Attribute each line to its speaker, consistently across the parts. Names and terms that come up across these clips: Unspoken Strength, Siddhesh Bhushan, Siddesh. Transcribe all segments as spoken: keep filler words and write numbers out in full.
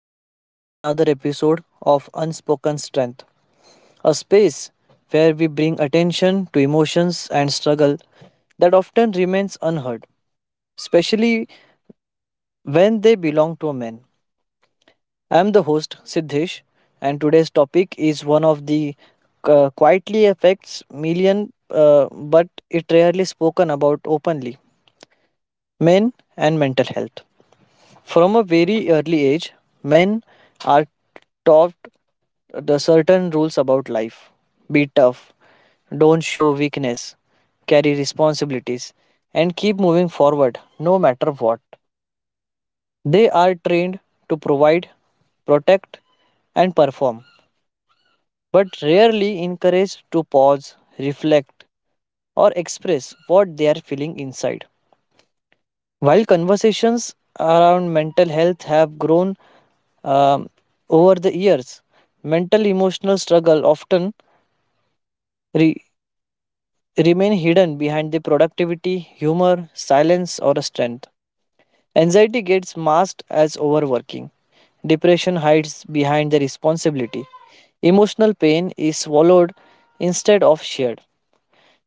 Speaker 1: and welcome to another episode of Unspoken Strength, a space where we bring attention to emotions and struggle that often remains unheard, especially when they belong to a man. I am the host, Siddhesh, and today's topic is one of the uh, quietly affects million, uh, but it rarely spoken about openly men and mental health. From a very early age, men are taught the certain rules about life. Be tough, don't show weakness, carry responsibilities, and keep moving forward no matter what. They are trained to provide, protect, and perform, but rarely encouraged to pause, reflect, or express what they are feeling inside. While conversations around mental health have grown um, over the years, mental emotional struggle often re- remain hidden behind the productivity, humor, silence, or strength. Anxiety gets masked as overworking. Depression hides behind the responsibility. Emotional pain is swallowed instead of shared.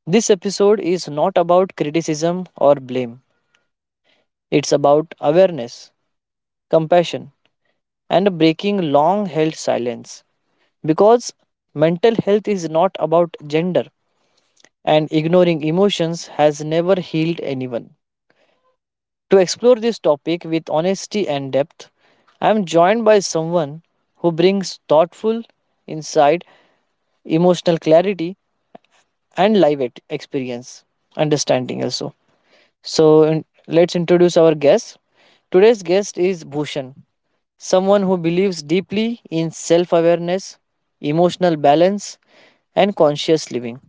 Speaker 1: This episode is not about criticism or blame. It's about awareness, compassion, and breaking long held silence. Because mental health is not about gender, and ignoring emotions has never healed anyone. To explore this topic with honesty and depth, I am joined by someone who brings thoughtful insight, emotional clarity, and live ex- experience understanding also. So, in- let's introduce our guest. Today's guest is Bhushan, someone who believes deeply in self awareness, emotional balance, and conscious living.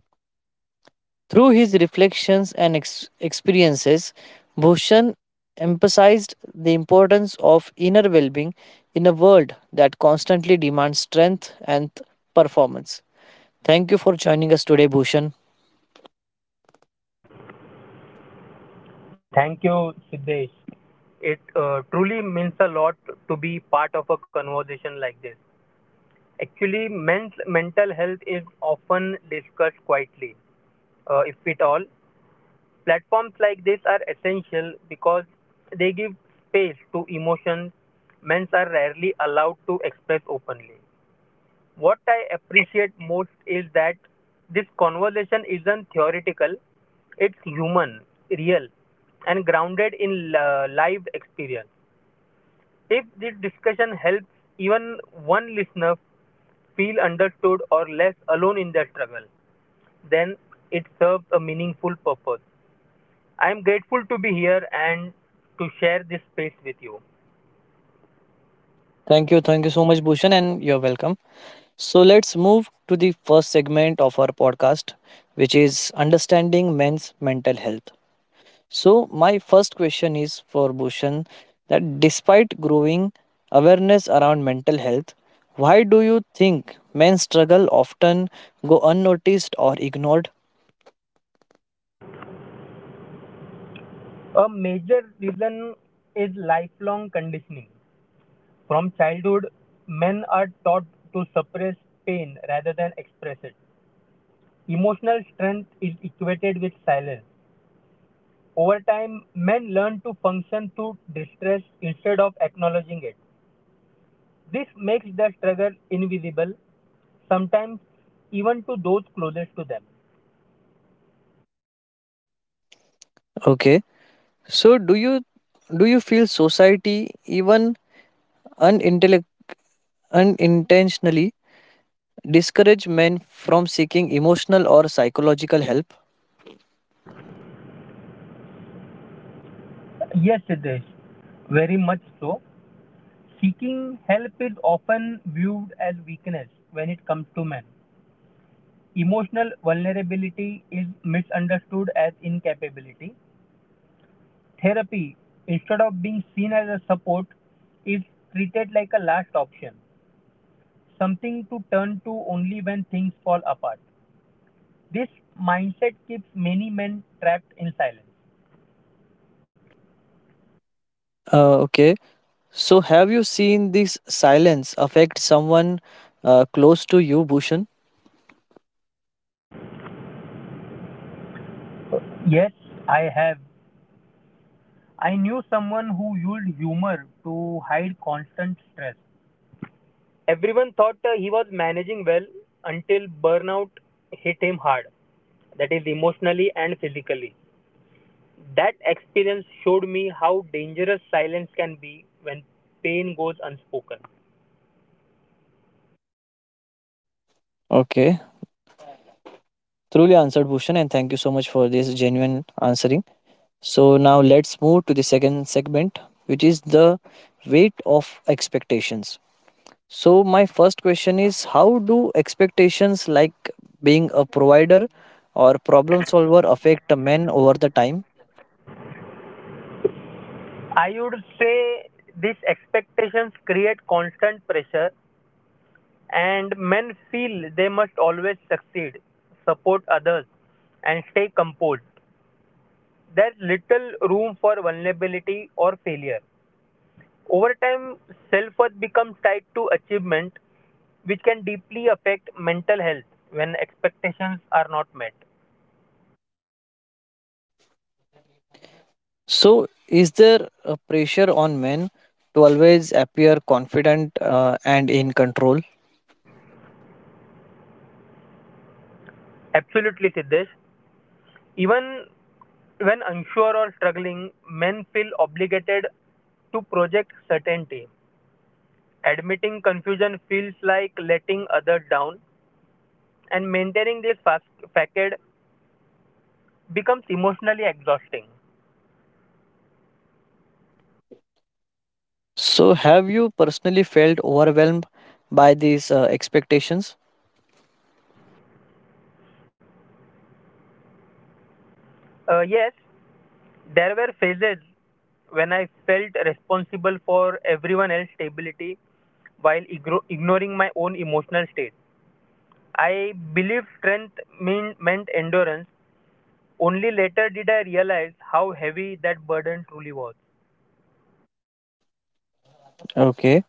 Speaker 1: Through his reflections and ex- experiences, Bhushan emphasized the importance of inner well being in a world that constantly demands strength and performance. Thank you for joining us today, Bhushan.
Speaker 2: Thank you, Siddesh. It uh, truly means a lot to be part of a conversation like this. Actually, men's mental health is often discussed quietly, uh, if at all. Platforms like this are essential because they give space to emotions men are rarely allowed to express openly. What I appreciate most is that this conversation isn't theoretical, it's human, real, and grounded in uh, lived experience. If this discussion helps even one listener feel understood or less alone in their struggle, then it serves a meaningful purpose. I am grateful to be here and to share this space with you.
Speaker 1: Thank you. Thank you so much, Bhushan, and you're welcome. So, let's move to the first segment of our podcast, which is understanding men's mental health. So, my first question is for Bhushan that despite growing awareness around mental health, why do you think men's struggle often go unnoticed or ignored?
Speaker 2: A major reason is lifelong conditioning. From childhood, men are taught to suppress pain rather than express it. Emotional strength is equated with silence. Over time, men learn to function through distress instead of acknowledging it. This makes their struggle invisible, sometimes even to those closest to them.
Speaker 1: Okay. So, do you do you feel society even unintellect- unintentionally discourage men from seeking emotional or psychological help?
Speaker 2: Yes, Siddesh, very much so. Seeking help is often viewed as weakness when it comes to men. Emotional vulnerability is misunderstood as incapability. Therapy, instead of being seen as a support, is treated like a last option, something to turn to only when things fall apart. This mindset keeps many men trapped in silence.
Speaker 1: Uh, okay. So, have you seen this silence affect someone uh, close to you, Bhushan?
Speaker 2: Yes, I have. I knew someone who used humor to hide constant stress. Everyone thought uh, he was managing well until burnout hit him hard, that is, emotionally and physically. That experience showed me how dangerous silence can be when pain goes unspoken.
Speaker 1: Okay. Truly answered Bhushan, and thank you so much for this genuine answering. So now let's move to the second segment, which is the weight of expectations. So my first question is how do expectations like being a provider or problem solver affect a man over the time?
Speaker 2: I would say these expectations create constant pressure, and men feel they must always succeed, support others, and stay composed. There's little room for vulnerability or failure. Over time, self worth becomes tied to achievement, which can deeply affect mental health when expectations are not met.
Speaker 1: So is there a pressure on men to always appear confident uh, and in control?
Speaker 2: Absolutely, Siddesh. Even when unsure or struggling, men feel obligated to project certainty. Admitting confusion feels like letting others down, and maintaining this fac- facade becomes emotionally exhausting.
Speaker 1: So, have you personally felt overwhelmed by these uh, expectations?
Speaker 2: Uh, yes, there were phases when I felt responsible for everyone else's stability while igro- ignoring my own emotional state. I believed strength mean- meant endurance. Only later did I realize how heavy that burden truly was.
Speaker 1: Okay.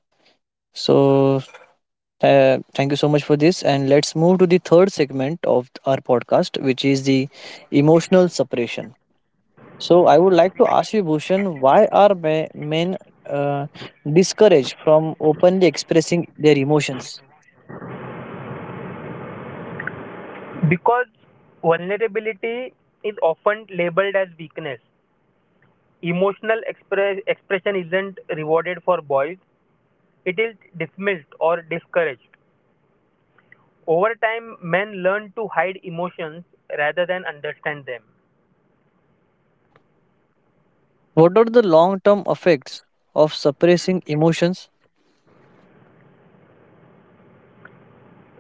Speaker 1: So, uh, thank you so much for this. And let's move to the third segment of our podcast, which is the emotional separation. So, I would like to ask you, Bhushan, why are ma- men uh, discouraged from openly expressing their emotions?
Speaker 2: Because vulnerability is often labeled as weakness, emotional express, expression isn't rewarded for boys, it is dismissed or discouraged. Over time, men learn to hide emotions rather than understand them.
Speaker 1: What are the long term effects of suppressing emotions?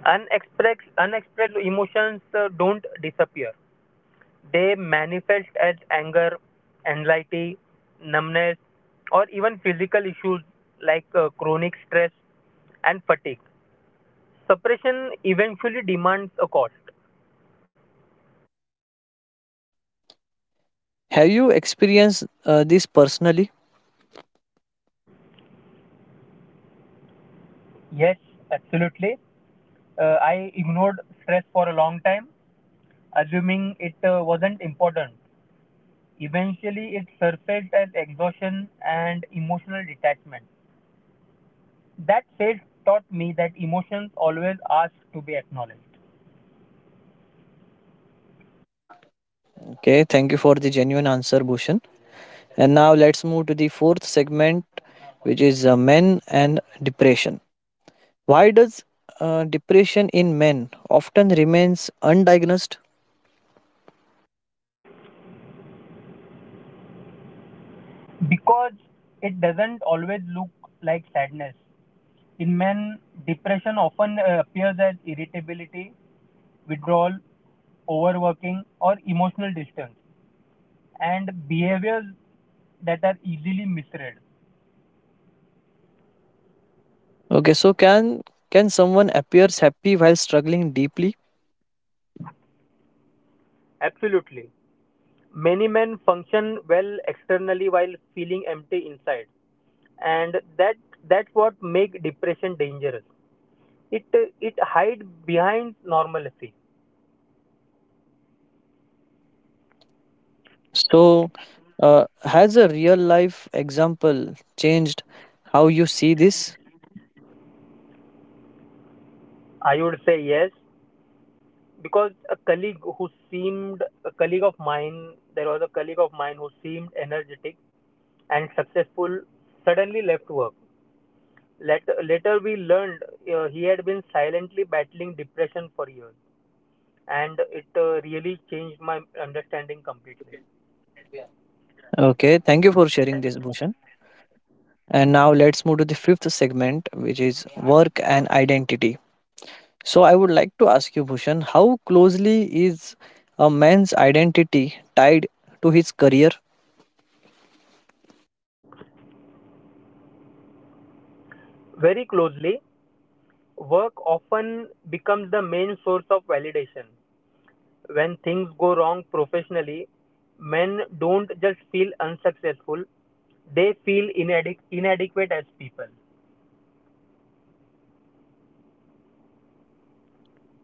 Speaker 2: Unexpressed, unexpressed emotions uh, don't disappear, they manifest as anger, anxiety, numbness, or even physical issues like uh, chronic stress and fatigue. Suppression eventually demands a cost.
Speaker 1: Have you experienced uh, this personally?
Speaker 2: Yes, absolutely. Uh, I ignored stress for a long time, assuming it uh, wasn't important. Eventually, it surfaced as exhaustion and emotional detachment. That phase taught me that emotions always ask to be acknowledged,
Speaker 1: Okay, thank you for the genuine answer, Bhushan. And now let's move to the fourth segment, which is uh, men and depression. Why does uh, depression in men often remains undiagnosed?
Speaker 2: because it doesn't always look like sadness. In men, depression often uh, appears as irritability, withdrawal, overworking, or emotional distance, and behaviors that are easily misread.
Speaker 1: Okay, so can can someone appears happy while struggling deeply?
Speaker 2: Absolutely. Many men function well externally while feeling empty inside, and that that's what make depression dangerous. It it hide behind normalcy.
Speaker 1: So, uh, has a real life example changed how you see this?
Speaker 2: I would say yes because a colleague who seemed a colleague of mine there was a colleague of mine who seemed energetic and successful suddenly left work. Later, later we learned uh, he had been silently battling depression for years, and it uh, really changed my understanding completely.
Speaker 1: Okay, thank you for sharing this, Bhushan. And now let's move to the fifth segment, which is work and identity. So I would like to ask you, Bhushan, how closely is a man's identity tied to his career?
Speaker 2: Very closely, work often becomes the main source of validation. When things go wrong professionally, men don't just feel unsuccessful, they feel inadequ- inadequate as people.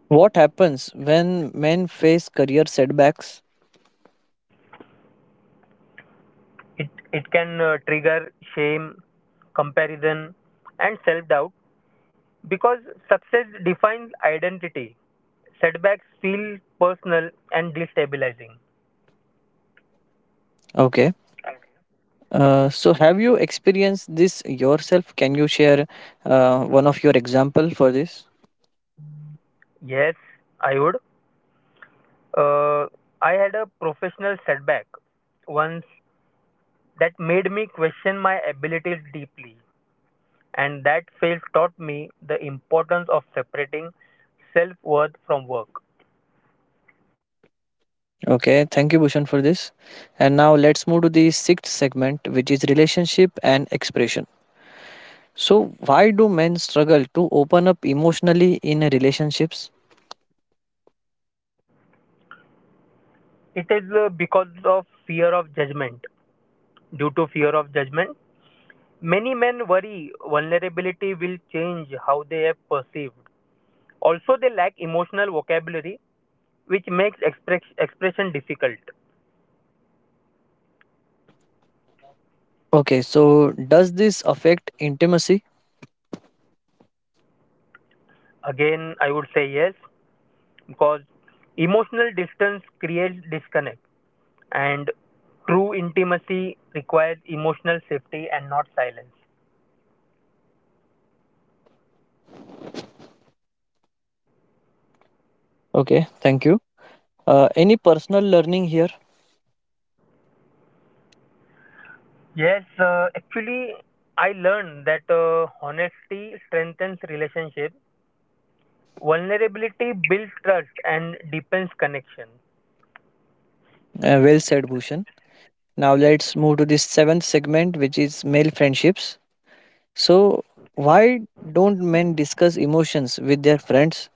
Speaker 1: What happens when men face career setbacks?
Speaker 2: It, it can uh, trigger shame, comparison, and self doubt because success defines identity. Setbacks feel personal and destabilizing.
Speaker 1: Okay. Uh, so have you experienced this yourself? Can you share uh, one of your example for this?
Speaker 2: Yes, I would. Uh, I had a professional setback once that made me question my abilities deeply. And that phase taught me the importance of separating self worth from work.
Speaker 1: Okay. Thank you, Bhushan, for this. And now let's move to the sixth segment, which is relationship and expression. So why do men struggle to open up emotionally in relationships?
Speaker 2: It is uh, because of fear of judgment. Due to fear of judgment, many men worry vulnerability will change how they are perceived. Also, they lack emotional vocabulary, which makes express, expression difficult.
Speaker 1: Okay, so does this affect intimacy?
Speaker 2: Again, I would say yes, because emotional distance creates disconnect, and true intimacy requires emotional safety and not silence.
Speaker 1: Okay, thank you. Uh, any personal learning here?
Speaker 2: Yes, uh, actually, I learned that uh, honesty strengthens relationship, vulnerability builds trust, and deepens connection.
Speaker 1: Uh, well said, Bhushan. Now let's move to this seventh segment, which is male friendships. So, why don't men discuss emotions with their friends?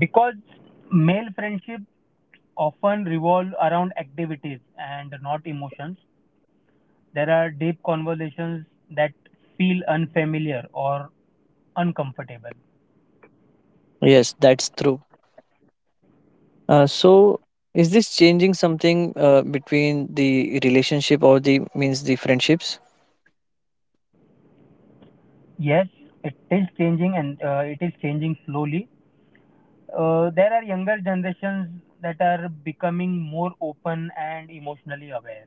Speaker 2: Because male friendships often revolve around activities and not emotions, there are deep conversations that feel unfamiliar or uncomfortable.
Speaker 1: Yes, that's true. Uh, so, is this changing something uh, between the relationship or the means the friendships?
Speaker 2: Yes, it is changing, and uh, it is changing slowly. Uh, there are younger generations that are becoming more open and emotionally aware.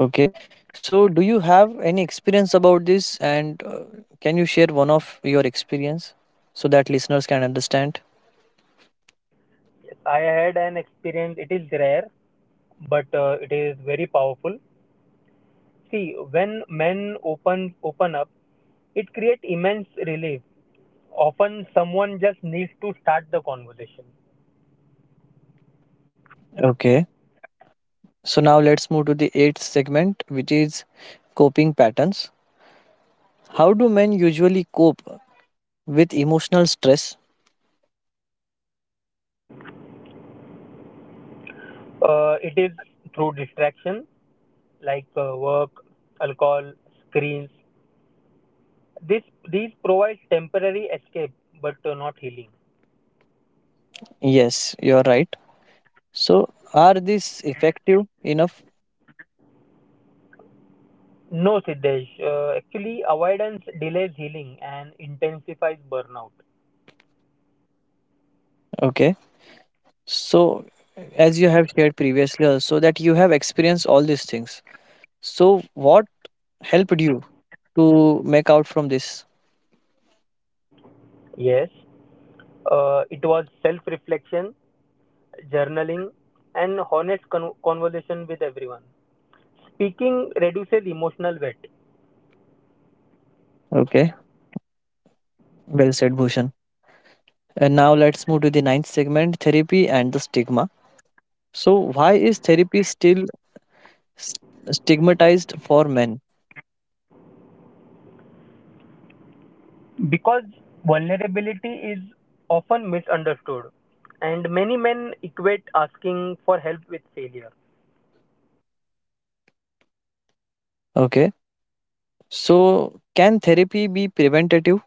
Speaker 1: Okay. So, do you have any experience about this? And uh, can you share one of your experience so that listeners can understand?
Speaker 2: Yes, I had an experience. It is rare, but uh, it is very powerful. See, when men open open up, it creates immense relief. Often, someone just needs to start the conversation.
Speaker 1: Okay. So, now let's move to the eighth segment, which is coping patterns. How do men usually cope with emotional stress?
Speaker 2: Uh, it is through distraction like uh, work, alcohol, screens. This these provides temporary escape, but uh, not healing.
Speaker 1: Yes, you're right. So, are these effective enough?
Speaker 2: No, Siddesh. Uh, actually, avoidance delays healing and intensifies burnout.
Speaker 1: Okay. So, as you have shared previously, also that you have experienced all these things. So, what helped you to make out from this.
Speaker 2: Yes, uh, it was self reflection, journaling, and honest con- conversation with everyone. Speaking reduces emotional weight,
Speaker 1: Okay, well said, Bhushan. And now let's move to the ninth segment therapy and the stigma. So, why is therapy still s- stigmatized for men?
Speaker 2: because vulnerability is often misunderstood, and many men equate asking for help with failure.
Speaker 1: Okay, so can therapy be preventative?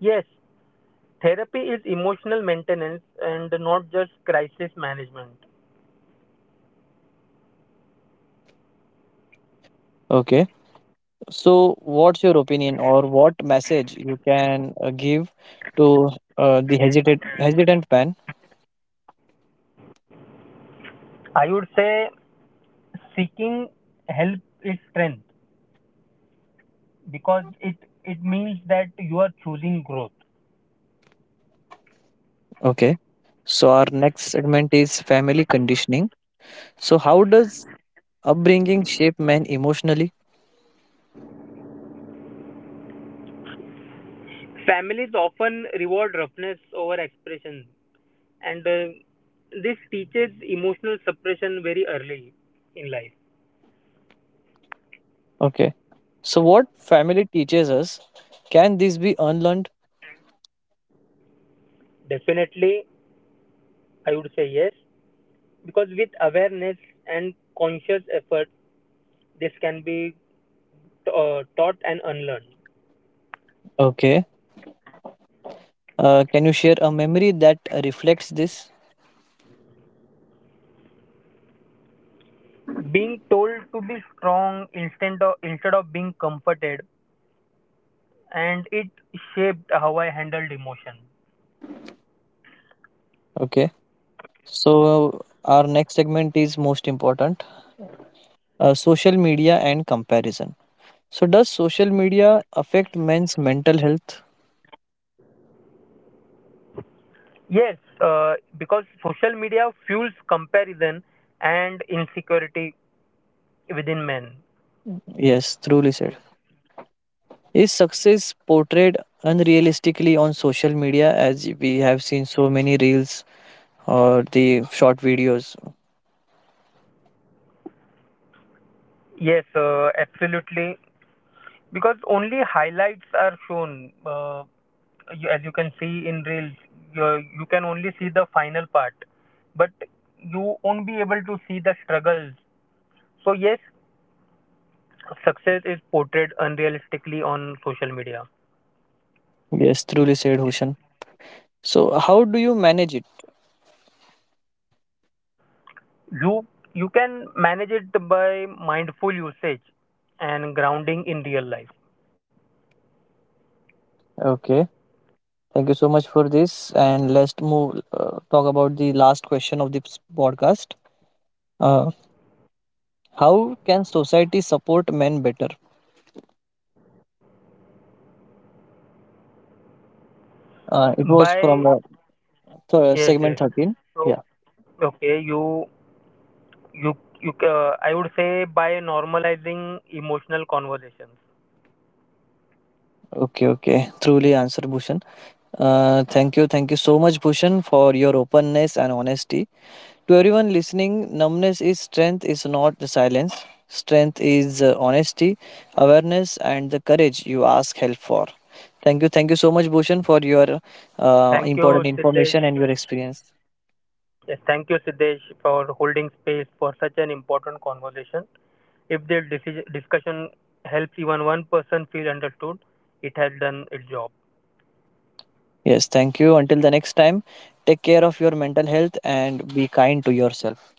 Speaker 2: Yes, therapy is emotional maintenance and not just crisis management.
Speaker 1: Okay, so what's your opinion or what message you can uh, give to uh, the hesitant, hesitant man?
Speaker 2: I would say seeking help is strength because it it means that you are choosing growth.
Speaker 1: Okay, so our next segment is family conditioning. So, how does upbringing shape men emotionally?
Speaker 2: Families often reward roughness over expression, and uh, this teaches emotional suppression very early in life.
Speaker 1: Okay. So, what family teaches us, can this be unlearned?
Speaker 2: Definitely, I would say yes, because with awareness and conscious effort, this can be uh, taught and unlearned.
Speaker 1: Okay. Uh, can you share a memory that reflects this?
Speaker 2: Being told to be strong instead of instead of being comforted, and it shaped how I handled emotion.
Speaker 1: Okay. So, our next segment is most important uh, social media and comparison. So, does social media affect men's mental health?
Speaker 2: Yes, uh, because social media fuels comparison and insecurity within men.
Speaker 1: Yes, truly said. Is success portrayed unrealistically on social media as we have seen so many reels or the short videos?
Speaker 2: Yes, uh, absolutely. Because only highlights are shown. Uh, you, as you can see in reels, you, you can only see the final part, but you won't be able to see the struggles. So yes, success is portrayed unrealistically on social media.
Speaker 1: Yes, truly said Hushan. So, how do you manage it?
Speaker 2: You you can manage it by mindful usage and grounding in real life.
Speaker 1: Okay, thank you so much for this. And let's move uh, talk about the last question of this podcast. Uh, how can society support men better? Uh, it was from
Speaker 2: By
Speaker 1: uh, th-
Speaker 2: yes,
Speaker 1: segment
Speaker 2: yes.
Speaker 1: thirteen.
Speaker 2: So
Speaker 1: Yeah.
Speaker 2: okay, you you you uh, I would say by normalizing emotional conversations.
Speaker 1: Okay. Okay. Truly answered, Bhushan. Uh, thank you. Thank you so much, Bhushan, for your openness and honesty. To everyone listening, numbness is strength. Is not the silence. Strength is uh, honesty, awareness, and the courage you ask help for. Thank you. Thank you so much, Bhushan, for your uh,
Speaker 2: Thank you,
Speaker 1: important
Speaker 2: Siddesh.
Speaker 1: information and your experience.
Speaker 2: Yes, thank you Siddesh for holding space for such an important conversation. If the deci- discussion helps even one person feel understood, it has done its job.
Speaker 1: Yes, thank you. Until the next time, take care of your mental health and be kind to yourself.